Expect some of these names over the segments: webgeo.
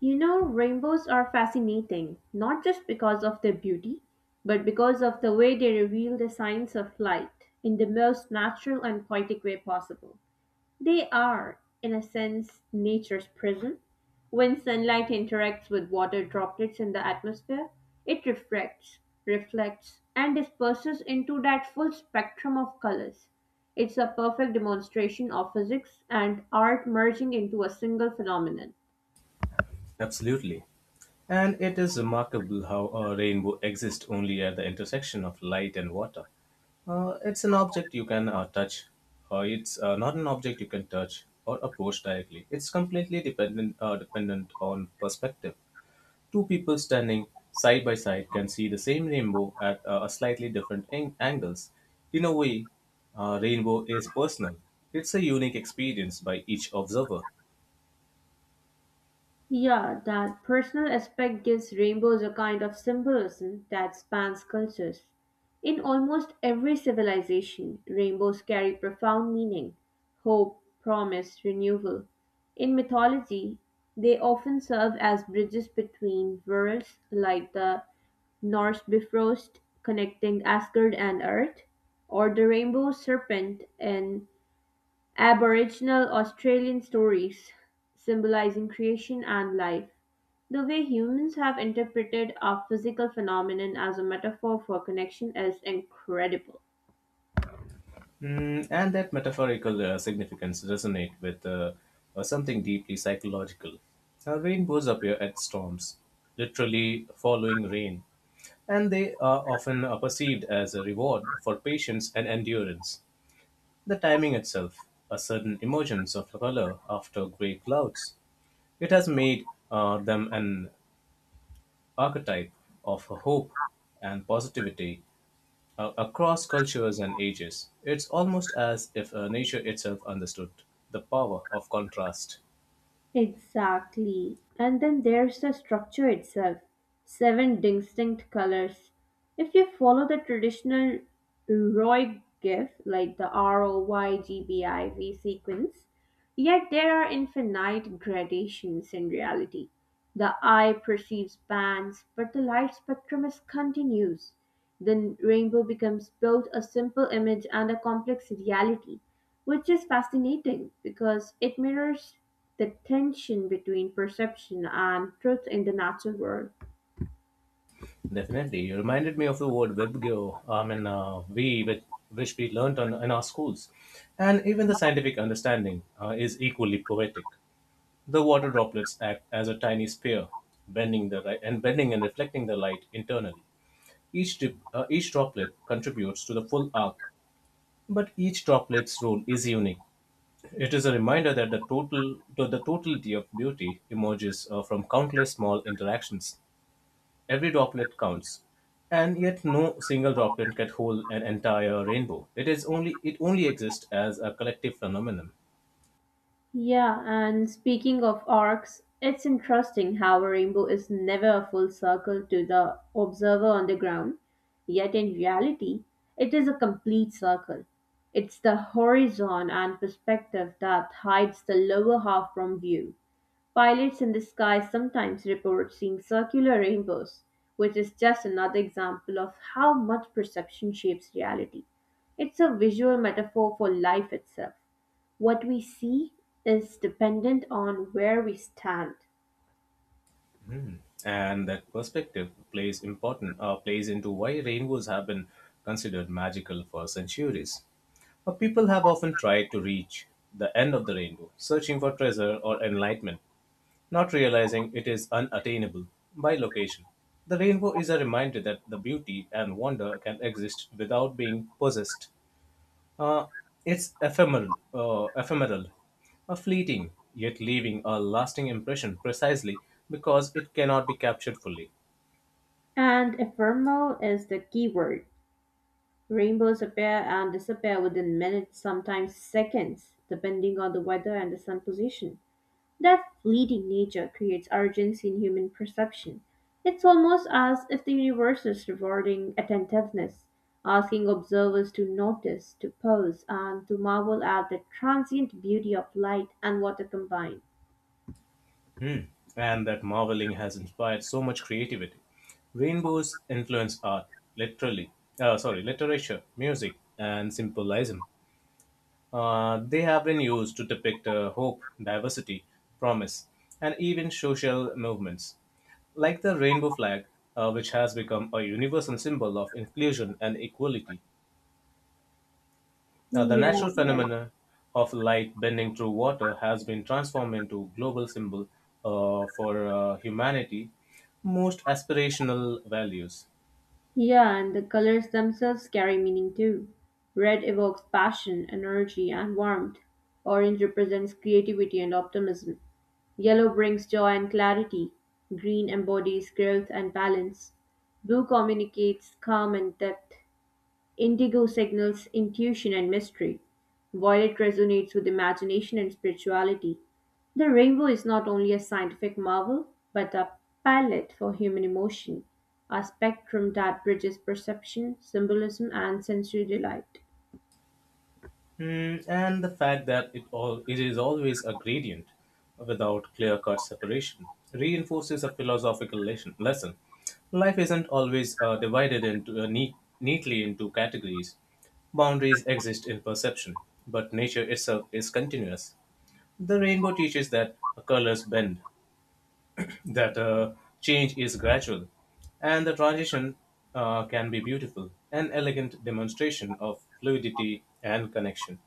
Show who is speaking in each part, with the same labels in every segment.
Speaker 1: You know, rainbows are fascinating, not just because of their beauty, but because of the way they reveal the signs of light in the most natural and poetic way possible. They are, in a sense, nature's prism. When sunlight interacts with water droplets in the atmosphere, it reflects, and disperses into that full spectrum of colors. It's a perfect demonstration of physics and art merging into a single phenomenon.
Speaker 2: Absolutely. And it is remarkable how a rainbow exists only at the intersection of light and water. It's an object you can touch. It's not an object you can touch or approach directly. It's completely dependent dependent on perspective. Two people standing side by side can see the same rainbow at a slightly different angles. In a way, rainbow is personal. It's a unique experience by each observer.
Speaker 1: Yeah, that personal aspect gives rainbows a kind of symbolism that spans cultures. In almost every civilization, rainbows carry profound meaning hope, promise, renewal. In mythology, they often serve as bridges between worlds, like the Norse Bifrost connecting Asgard and Earth, or the rainbow serpent in Aboriginal Australian stories, symbolizing creation and life. The way humans have interpreted our physical phenomenon as a metaphor for connection is incredible.
Speaker 2: Mm, and that metaphorical significance resonate with something deeply psychological. Rainbows appear at storms, literally following rain, and they are often perceived as a reward for patience and endurance. The timing itself, a sudden emergence of color after grey clouds, it has made them an archetype of hope and positivity across cultures and ages. It's almost as if nature itself understood the power of contrast.
Speaker 1: Exactly. And then there's the structure itself seven distinct colors. If you follow the traditional ROI GIF, like the ROYGBIV sequence, yet there are infinite gradations in reality. The eye perceives bands, but the light spectrum is continuous. The rainbow becomes both a simple image and a complex reality which is fascinating because it mirrors the tension between perception and truth in the natural world.
Speaker 2: Definitely, you reminded me of the word "webgeo." I mean, which we learnt on, in our schools, and even the scientific understanding is equally poetic. The water droplets act as a tiny spear, bending the ri- and bending and reflecting the light internally. Each droplet contributes to the full arc, but each droplet's role is unique. It is a reminder that the totality of beauty emerges from countless small interactions. Every droplet counts, and yet no single droplet can hold an entire rainbow. It only exists as a collective phenomenon.
Speaker 1: Yeah, and speaking of arcs, it's interesting how a rainbow is never a full circle to the observer on the ground, yet in reality, it is a complete circle. It's the horizon and perspective that hides the lower half from view. Pilots in the sky sometimes report seeing circular rainbows, which is just another example of how much perception shapes reality. It's a visual metaphor for life itself. What we see is dependent on where we stand.
Speaker 2: Hmm. And that perspective plays into why rainbows have been considered magical for centuries. People have often tried to reach the end of the rainbow, searching for treasure or enlightenment, not realizing it is unattainable by location, the rainbow is a reminder that the beauty and wonder can exist without being possessed. Uh, it's ephemeral, a fleeting, yet leaving a lasting impression precisely because it cannot be captured fully.
Speaker 1: And ephemeral is the key word. Rainbows appear and disappear within minutes, sometimes seconds, depending on the weather and the sun position. That fleeting nature creates urgency in human perception. It's almost as if the universe is rewarding attentiveness, asking observers to notice, to pause, and to marvel at the transient beauty of light and water combined.
Speaker 2: Hmm. And that marveling has inspired so much creativity. Rainbows influence art, literally, sorry, literature, music, and symbolism. They have been used to depict hope, diversity, promise, and even social movements, like the rainbow flag, which has become a universal symbol of inclusion and equality. Now, the
Speaker 1: Yeah,
Speaker 2: natural
Speaker 1: right.
Speaker 2: phenomenon of light bending through water has been transformed into a global symbol for humanity, most aspirational values.
Speaker 1: Yeah, and the colors themselves carry meaning too. Red evokes passion, energy, and warmth. Orange represents creativity and optimism. Yellow brings joy and clarity. Green embodies growth and balance. Blue communicates calm and depth. Indigo signals intuition and mystery. Violet resonates with imagination and spirituality. The rainbow is not only a scientific marvel, but a palette for human emotion, a spectrum that bridges perception, symbolism, and sensory delight.
Speaker 2: Mm, and the fact that it is always a gradient without clear-cut separation reinforces a philosophical lesson. Life isn't always divided into neatly into categories. Boundaries exist in perception, but nature itself is continuous. The rainbow teaches that colors bend, that change is gradual, and the transition can be beautiful, an elegant demonstration of fluidity and connection.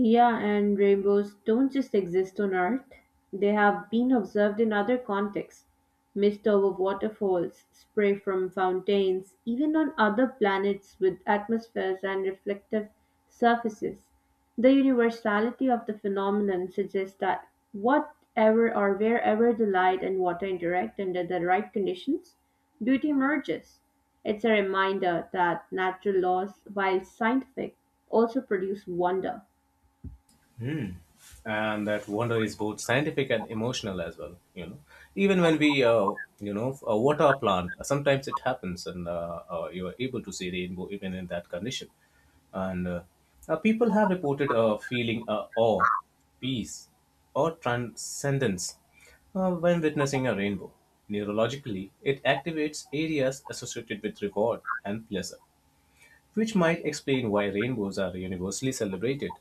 Speaker 1: Yeah, and rainbows don't just exist on Earth, they have been observed in other contexts. Mist over waterfalls, spray from fountains, even on other planets with atmospheres and reflective surfaces. The universality of the phenomenon suggests that whatever or wherever the light and water interact under the right conditions, beauty emerges. It's a reminder that natural laws, while scientific, also produce wonder.
Speaker 2: Hmm. And that wonder is both scientific and emotional as well. You know, even when we, water a plant, sometimes it happens, and you are able to see rainbow even in that condition. And people have reported feeling awe, peace, or transcendence when witnessing a rainbow. Neurologically, it activates areas associated with reward and pleasure, which might explain why rainbows are universally celebrated.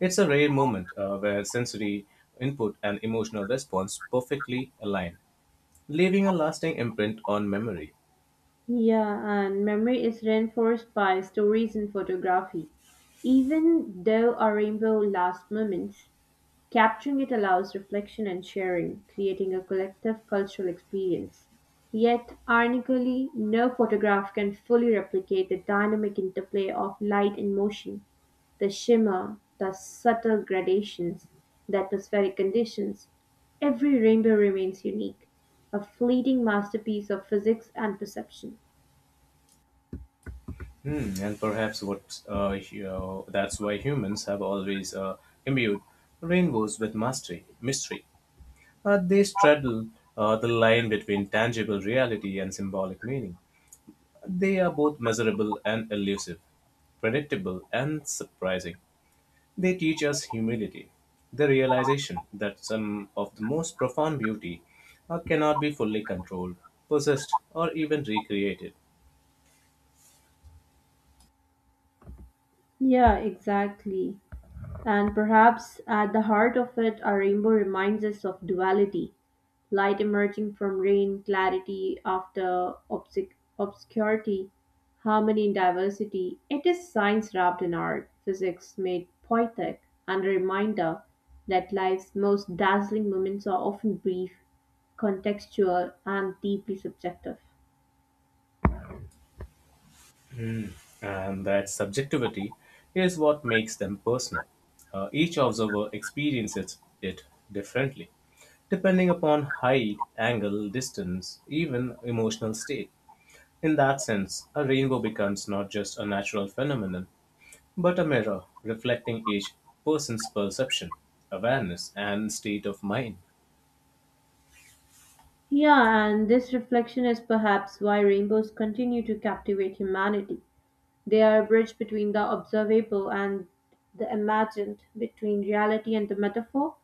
Speaker 2: It's a rare moment where sensory input and emotional response perfectly align, leaving a lasting imprint on memory.
Speaker 1: Yeah, and memory is reinforced by stories and photography. Even though a rainbow lasts moments, capturing it allows reflection and sharing, creating a collective cultural experience. Yet, ironically, no photograph can fully replicate the dynamic interplay of light and motion, the shimmer, the subtle gradations, the atmospheric conditions. Every rainbow remains unique, a fleeting masterpiece of physics and perception.
Speaker 2: Hmm, and perhaps what that's why humans have always imbued rainbows with mystery. They straddle the line between tangible reality and symbolic meaning. They are both measurable and elusive, predictable and surprising. They teach us humility, the realization that some of the most profound beauty cannot be fully controlled, possessed, or even recreated.
Speaker 1: Yeah, exactly. And perhaps at the heart of it, our rainbow reminds us of duality light emerging from rain, clarity after obscurity, harmony in diversity. It is science wrapped in art, physics made poetic, and a reminder that life's most dazzling moments are often brief, contextual, and deeply subjective.
Speaker 2: Mm. And that subjectivity is what makes them personal. Each observer experiences it differently, depending upon height, angle, distance, even emotional state. In that sense, a rainbow becomes not just a natural phenomenon, but a mirror reflecting each person's perception, awareness, and state of mind.
Speaker 1: Yeah, and this reflection is perhaps why rainbows continue to captivate humanity. They are a bridge between the observable and the imagined, between reality and the metaphor.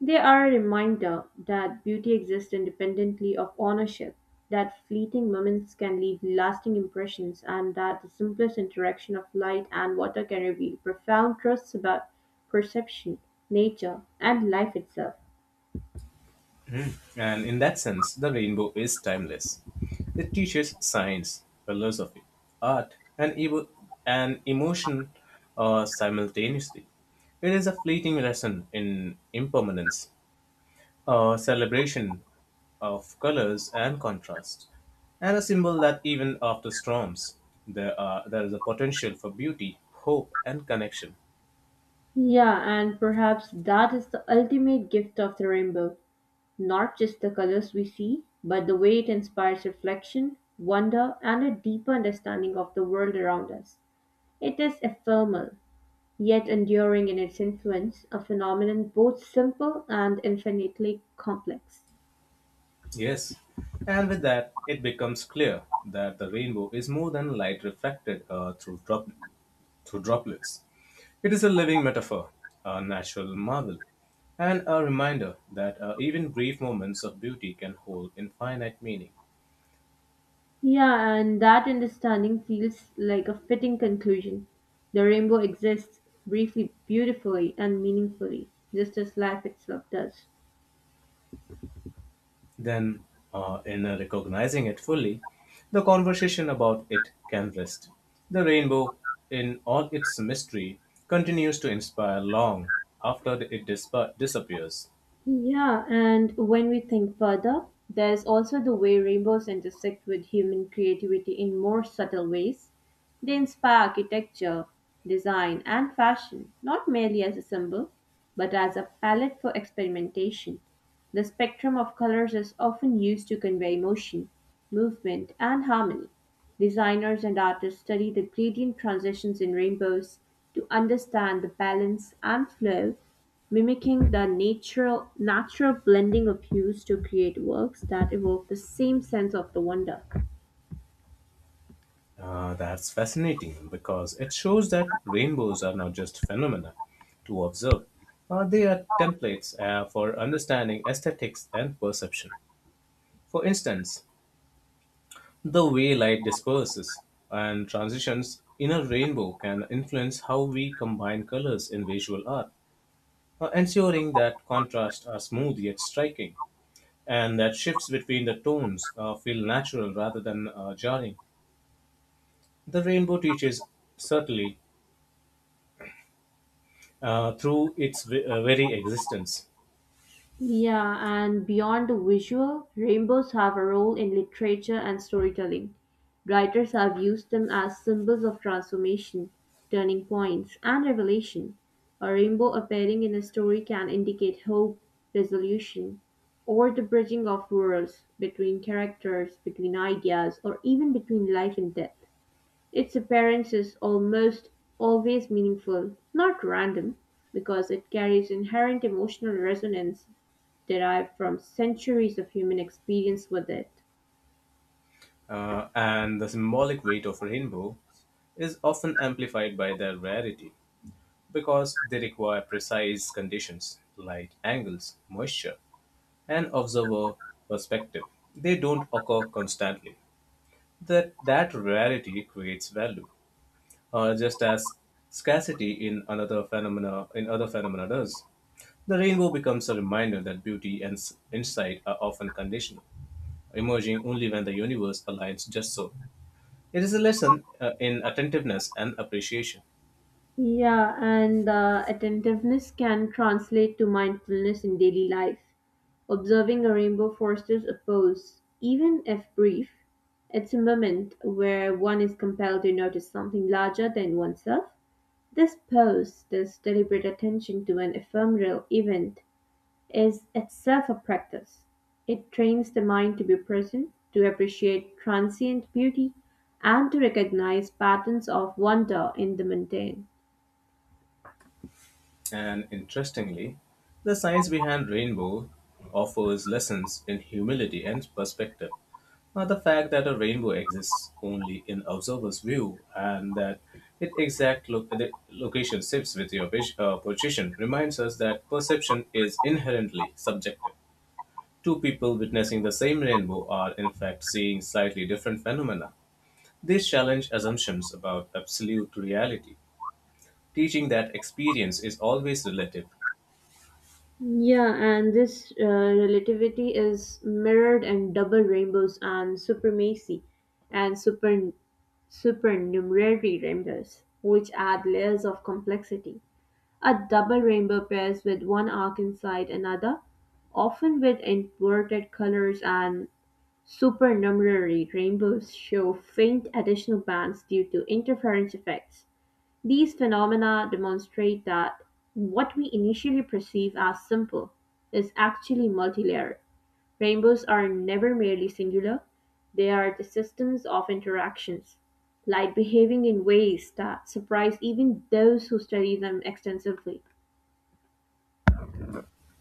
Speaker 1: They are a reminder that beauty exists independently of ownership, that fleeting moments can leave lasting impressions, and that the simplest interaction of light and water can reveal profound truths about perception, nature, and life itself.
Speaker 2: And in that sense, the rainbow is timeless. It teaches science, philosophy, art, and, evo- and emotion simultaneously. It is a fleeting lesson in impermanence, a celebration of colors and contrast, and a symbol that even after storms, there is a potential for beauty, hope, and connection.
Speaker 1: Yeah, and perhaps that is the ultimate gift of the rainbow. Not just the colors we see, but the way it inspires reflection, wonder, and a deeper understanding of the world around us. It is ephemeral, yet enduring in its influence, a phenomenon both simple and infinitely complex.
Speaker 2: Yes, and with that, it becomes clear that the rainbow is more than light reflected through droplets. It is a living metaphor, a natural marvel, and a reminder that even brief moments of beauty can hold infinite meaning.
Speaker 1: Yeah, and that understanding feels like a fitting conclusion. The rainbow exists briefly, beautifully, and meaningfully, just as life itself does.
Speaker 2: Then, in recognizing it fully, the conversation about it can rest. The rainbow, in all its mystery, continues to inspire long after it disappears.
Speaker 1: Yeah, and when we think further, there's also the way rainbows intersect with human creativity in more subtle ways. They inspire architecture, design, and fashion, not merely as a symbol, but as a palette for experimentation. The spectrum of colors is often used to convey emotion, movement, and harmony. Designers and artists study the gradient transitions in rainbows to understand the balance and flow mimicking the natural blending of hues to create works that evoke the same sense of the wonder.
Speaker 2: That's fascinating because it shows that rainbows are not just phenomena to observe. They are templates for understanding aesthetics and perception. For instance, the way light disperses and transitions in a rainbow can influence how we combine colors in visual art, ensuring that contrasts are smooth yet striking, and that shifts between the tones feel natural rather than jarring. The rainbow teaches subtly through its very existence,
Speaker 1: Yeah, and beyond the visual, rainbows have a role in literature and storytelling. Writers have used them as symbols of transformation, turning points, and revelation. A rainbow appearing in a story can indicate hope, resolution, or the bridging of worlds between characters, between ideas, or even between life and death. Its appearance is almost always meaningful, not random, because it carries inherent emotional resonance derived from centuries of human experience with it.
Speaker 2: and the symbolic weight of rainbow is often amplified by their rarity because they require precise conditions light angles, moisture, and observer perspective. They don't occur constantly. That rarity creates value, just as scarcity in another phenomena in other phenomena does. The rainbow becomes a reminder that insight are often conditional emerging only when the universe aligns just so. It is a lesson in attentiveness and appreciation.
Speaker 1: Yeah, and attentiveness can translate to mindfulness in daily life. Observing a rainbow fosters a pause, even if brief. It's a moment where one is compelled to notice something larger than oneself. This pause, this deliberate attention to an ephemeral event, is itself a practice; it trains the mind to be present, to appreciate transient beauty, and to recognize patterns of wonder in the mundane.
Speaker 2: And interestingly, the science behind rainbow offers lessons in humility and perspective. Now, the fact that a rainbow exists only in observer's view and that the location shifts with your position reminds us that perception is inherently subjective. Two people witnessing the same rainbow are, in fact, seeing slightly different phenomena. These challenge assumptions about absolute reality, teaching that experience is always relative
Speaker 1: Yeah, and this relativity is mirrored in double rainbows and supremacy and supernumerary rainbows, which add layers of complexity. A double rainbow pairs with one arc inside another, often with inverted colors, and supernumerary rainbows show faint additional bands due to interference effects; these phenomena demonstrate that what we initially perceive as simple is actually multilayered. Rainbows are never merely singular, they are the systems of interactions, light behaving in ways that surprise even those who study them extensively.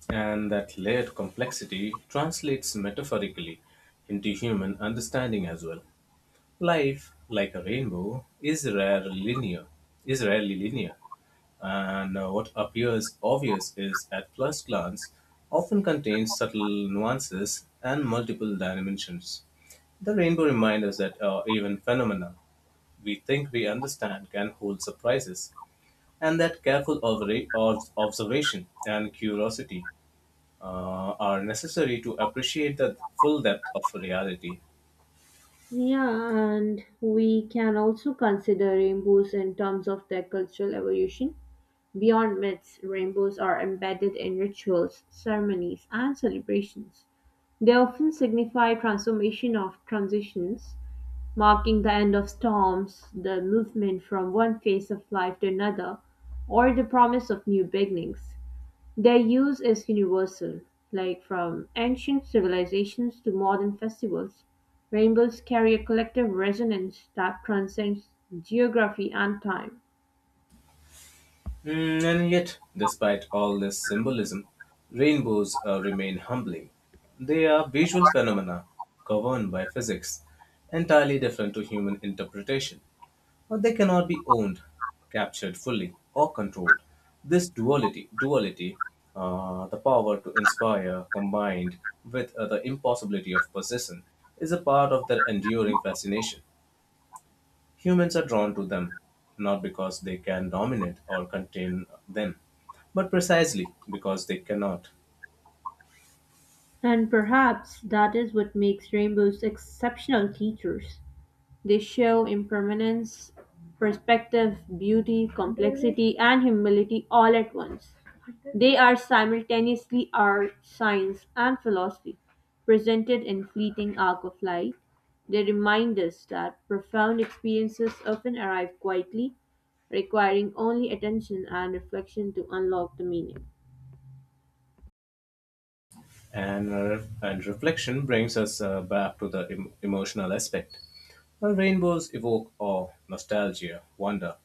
Speaker 2: and that layered complexity translates metaphorically into human understanding as well. Life, like a rainbow, is rarely linear, and what appears obvious is at first glance often contains subtle nuances and multiple dimensions. The rainbow reminds us that even phenomena we think we understand can hold surprises, and that careful observation and curiosity are necessary to appreciate the full depth of reality.
Speaker 1: Yeah, and we can also consider rainbows in terms of their cultural evolution. Beyond myths, rainbows are embedded in rituals, ceremonies, and celebrations. They often signify transformation of transitions, marking the end of storms, the movement from one phase of life to another, or the promise of new beginnings. Their use is universal, like from ancient civilizations to modern festivals. Rainbows carry a collective resonance that transcends geography and time.
Speaker 2: Mm, and yet, despite all this symbolism, rainbows remain humbling. They are visual phenomena governed by physics, entirely different to human interpretation, but they cannot be owned, captured fully, or controlled. This duality, the power to inspire combined with the impossibility of possession, is a part of their enduring fascination. Humans are drawn to them not because they can dominate or contain them, but precisely because they cannot.
Speaker 1: And perhaps that is what makes rainbows exceptional teachers. They show impermanence, perspective, beauty, complexity, and humility all at once. They are simultaneously art, science, and philosophy, presented in fleeting arc of light. They remind us that profound experiences often arrive quietly, requiring only attention and reflection to unlock the meaning.
Speaker 2: And reflection brings us back to the emotional aspect. While rainbows evoke awe, nostalgia, wonder,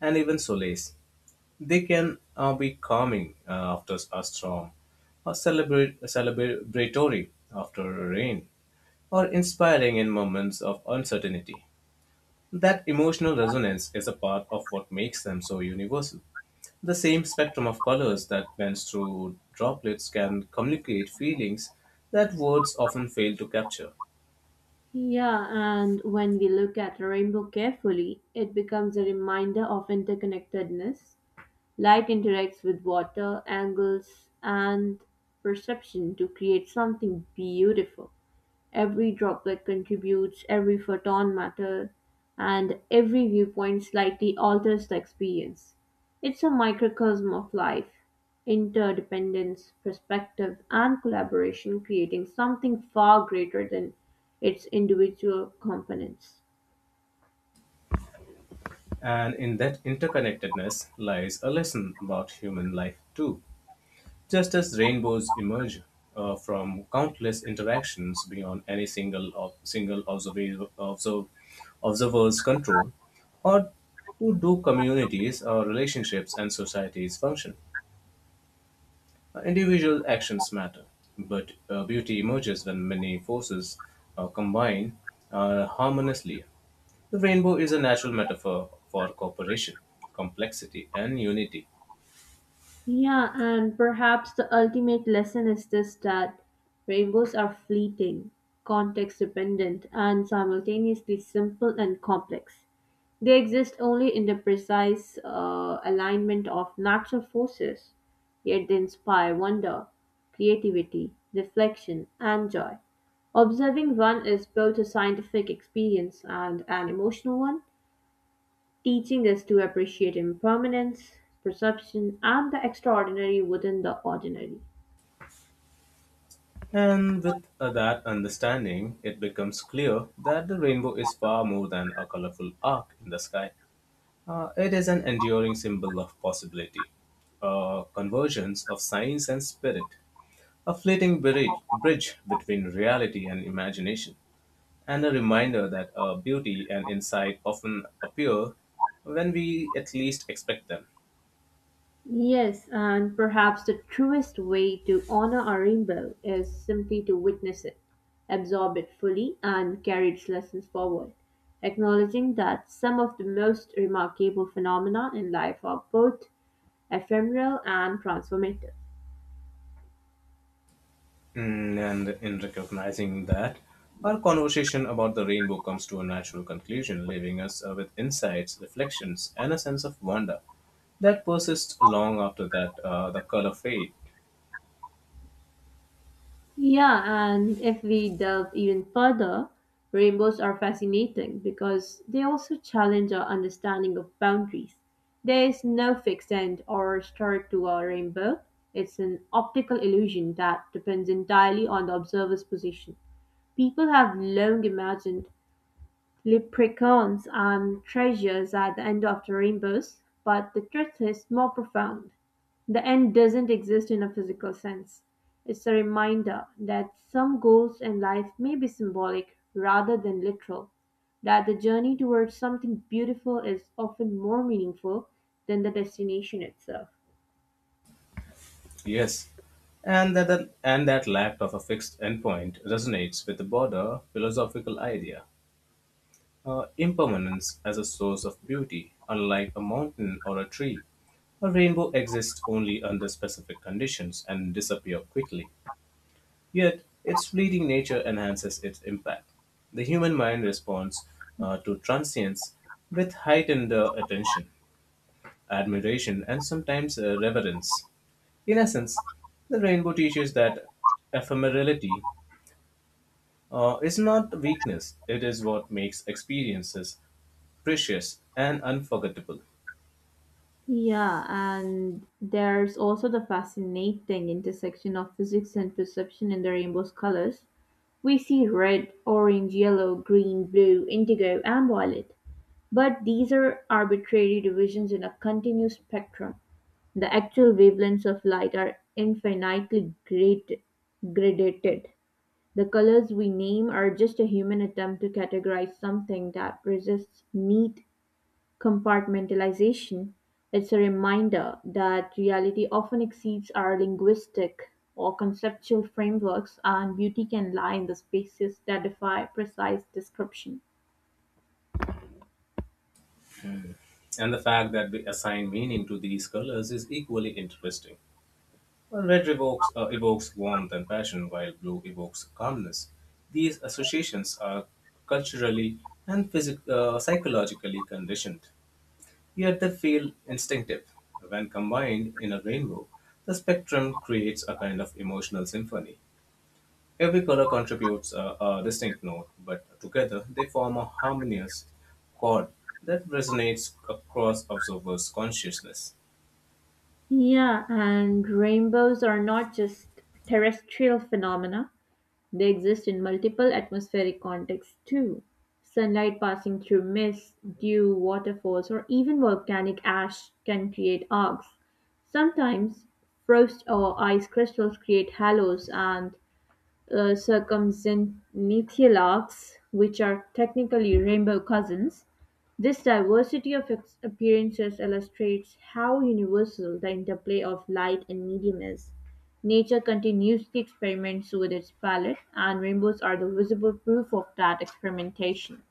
Speaker 2: and even solace, they can be calming after a storm, or celebratory after a rain, or inspiring in moments of uncertainty. That emotional resonance is a part of what makes them so universal. The same spectrum of colors that bends through droplets can communicate feelings that words often fail to capture.
Speaker 1: Yeah, and when we look at a rainbow carefully, it becomes a reminder of interconnectedness. Light interacts with water, angles, and perception to create something beautiful. Every droplet contributes, every photon matters, and every viewpoint slightly alters the experience. It's a microcosm of life, interdependence, perspective, and collaboration, creating something far greater than its individual components.
Speaker 2: And in that interconnectedness lies a lesson about human life, too. Just as rainbows emerge from countless interactions beyond any single observer's control, or who do communities or relationships and societies function. Individual actions matter, but beauty emerges when many forces combine harmoniously. The rainbow is a natural metaphor for cooperation, complexity, and unity.
Speaker 1: Yeah, and perhaps the ultimate lesson is this, that rainbows are fleeting, context dependent, and simultaneously simple and complex. They exist only in the precise alignment of natural forces, yet they inspire wonder, creativity, reflection, and joy. Observing one is both a scientific experience and an emotional one, teaching us to appreciate impermanence, perception, and the extraordinary within the ordinary.
Speaker 2: And with that understanding, it becomes clear that the rainbow is far more than a colorful arc in the sky. It is an enduring symbol of possibility, a convergence of science and spirit, a fleeting bridge between reality and imagination, and a reminder that beauty and insight often appear when we at least expect them.
Speaker 1: Yes, and perhaps the truest way to honor our rainbow is simply to witness it, absorb it fully, and carry its lessons forward, acknowledging that some of the most remarkable phenomena in life are both ephemeral and transformative.
Speaker 2: Mm, and in recognizing that, our conversation about the rainbow comes to a natural conclusion, leaving us with insights, reflections, and a sense of wonder that persists long after that the color fade.
Speaker 1: Yeah, and if we delve even further, rainbows are fascinating because they also challenge our understanding of boundaries. There is no fixed end or start to a rainbow. It's an optical illusion that depends entirely on the observer's position. People have long imagined leprechauns and treasures at the end of the rainbows, but the truth is more profound. The end doesn't exist in a physical sense. It's a reminder that some goals in life may be symbolic rather than literal, that the journey towards something beautiful is often more meaningful than the destination itself.
Speaker 2: Yes, and that lack of a fixed endpoint resonates with the broader philosophical idea impermanence as a source of beauty. Unlike a mountain or a tree, a rainbow exists only under specific conditions and disappears quickly. Yet, its fleeting nature enhances its impact. The human mind responds to transience with heightened attention, admiration, and sometimes reverence. In essence, the rainbow teaches that ephemerality is not weakness, it is what makes experiences precious and unforgettable.
Speaker 1: Yeah, and there's also the fascinating intersection of physics and perception in the rainbow's colors. We see red, orange, yellow, green, blue, indigo, and violet, but these are arbitrary divisions in a continuous spectrum. The actual wavelengths of light are infinitely great, gradated. The colors we name are just a human attempt to categorize something that resists neat compartmentalization. It's a reminder that reality often exceeds our linguistic or conceptual frameworks, and beauty can lie in the spaces that defy precise description.
Speaker 2: And the fact that we assign meaning to these colors is equally interesting. While red evokes warmth and passion, while blue evokes calmness. These associations are culturally and psychologically conditioned, yet they feel instinctive. When combined in a rainbow, the spectrum creates a kind of emotional symphony. Every color contributes a distinct note, but together they form a harmonious chord that resonates across observers' consciousness.
Speaker 1: Yeah, and rainbows are not just terrestrial phenomena. They exist in multiple atmospheric contexts too: sunlight passing through mist, dew, waterfalls, or even volcanic ash can create arcs. Sometimes frost or ice crystals create halos, and circumzenithial arcs, which are technically rainbow cousins. This diversity of appearances illustrates how universal the interplay of light and medium is. Nature continuously experiments with its palette, and rainbows are the visible proof of that experimentation.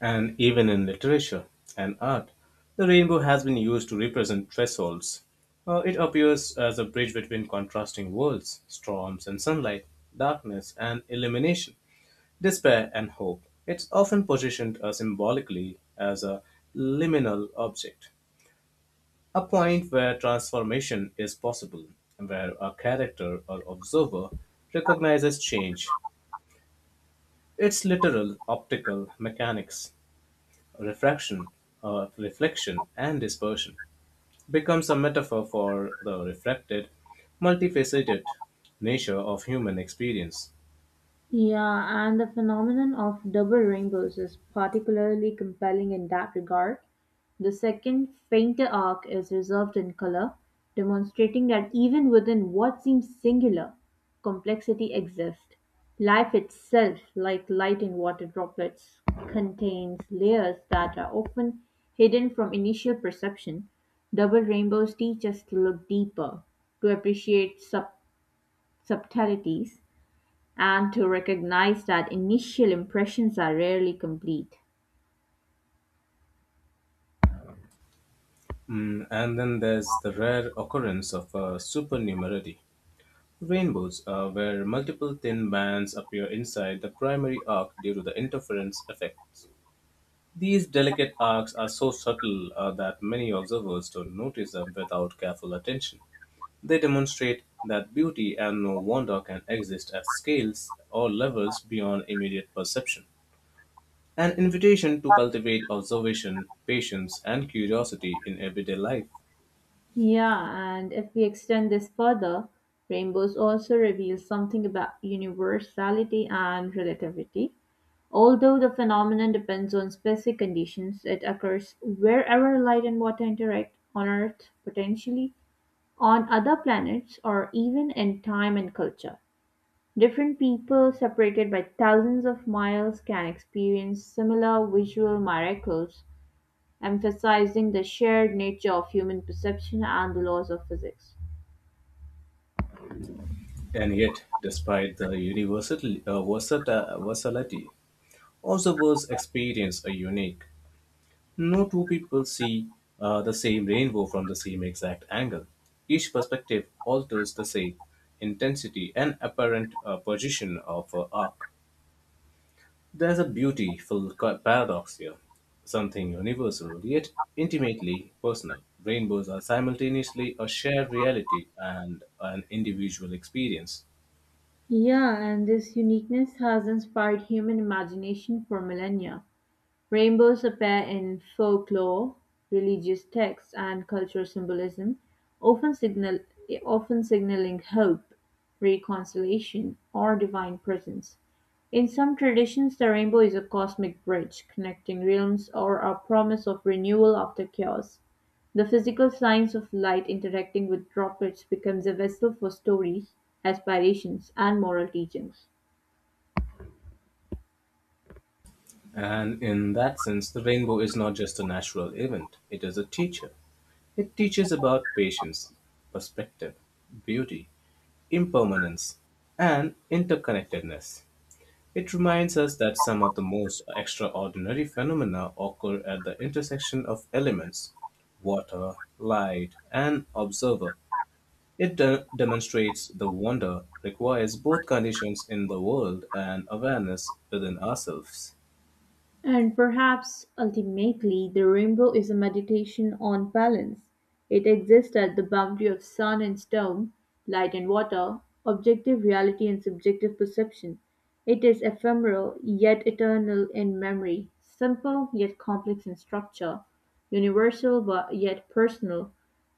Speaker 2: And even in literature and art, the rainbow has been used to represent thresholds. It appears as a bridge between contrasting worlds, storms and sunlight, darkness and illumination, despair and hope. It's often positioned symbolically as a liminal object, a point where transformation is possible, where a character or observer recognizes change, its literal optical mechanics, refraction, reflection, and dispersion, becomes a metaphor for the reflected, multifaceted nature of human experience.
Speaker 1: Yeah, and the phenomenon of double rainbows is particularly compelling in that regard. The second, fainter arc is reserved in color, demonstrating that even within what seems singular, complexity exists. Life itself, like light in water droplets, contains layers that are often hidden from initial perception. Double rainbows teach us to look deeper, to appreciate subtleties, and to recognize that initial impressions are rarely complete.
Speaker 2: Mm, and then there's the rare occurrence of a supernumerary. Rainbows, where multiple thin bands appear inside the primary arc due to the interference effects. These delicate arcs are so subtle that many observers don't notice them without careful attention. They demonstrate that beauty and no wonder can exist at scales or levels beyond immediate perception. An invitation to cultivate observation, patience, and curiosity in everyday life.
Speaker 1: Yeah, and if we extend this further, rainbows also reveal something about universality and relativity. Although the phenomenon depends on specific conditions, it occurs wherever light and water interact on Earth, potentially on other planets, or even in time and culture. Different people separated by thousands of miles can experience similar visual miracles emphasizing the shared nature of human perception and the laws of physics.
Speaker 2: And yet, despite the universality, versatility, observers experience a unique, no two people see the same rainbow from the same exact angle. Each perspective alters the shape, intensity, and apparent position of an arc. There's a beautiful paradox here, something universal yet intimately personal. Rainbows are simultaneously a shared reality and an individual experience.
Speaker 1: Yeah, and this uniqueness has inspired human imagination for millennia. Rainbows appear in folklore, religious texts, and cultural symbolism, often signal often signaling hope, reconciliation, or divine presence. In some traditions, the rainbow is a cosmic bridge connecting realms or a promise of renewal after chaos. The physical signs of light interacting with droplets becomes a vessel for stories, aspirations, and moral teachings.
Speaker 2: And in that sense, the rainbow is not just a natural event, it is a teacher. It teaches about patience, perspective, beauty, impermanence, and interconnectedness. It reminds us that some of the most extraordinary phenomena occur at the intersection of elements water, light, and observer. It demonstrates the wonder requires both conditions in the world and awareness within ourselves.
Speaker 1: And perhaps ultimately, the rainbow is a meditation on balance. It exists at the boundary of sun and storm, light and water, objective reality and subjective perception. It is ephemeral yet eternal in memory, simple yet complex in structure, universal but yet personal.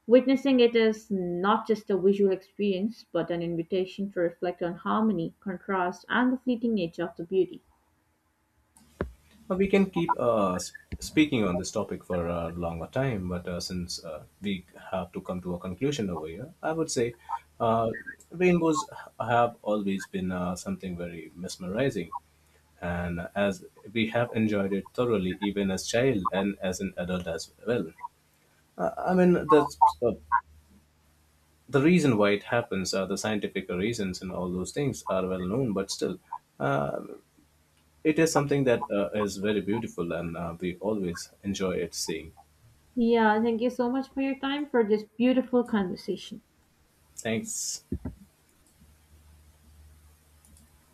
Speaker 1: Witnessing it is not just a visual experience but an invitation to reflect on harmony, contrast, and the fleeting nature of the beauty.
Speaker 2: We can keep speaking on this topic for a longer time, but since we have to come to a conclusion over here, I would say uh, rainbows have always been something very mesmerizing. And as we have enjoyed it thoroughly, even as child and as an adult as well. I mean, that's the reason why it happens, the scientific reasons and all those things are well known, but still, uh, it is something that is very beautiful and we always enjoy it seeing.
Speaker 1: Yeah, thank you so much for your time for this beautiful conversation.
Speaker 2: Thanks.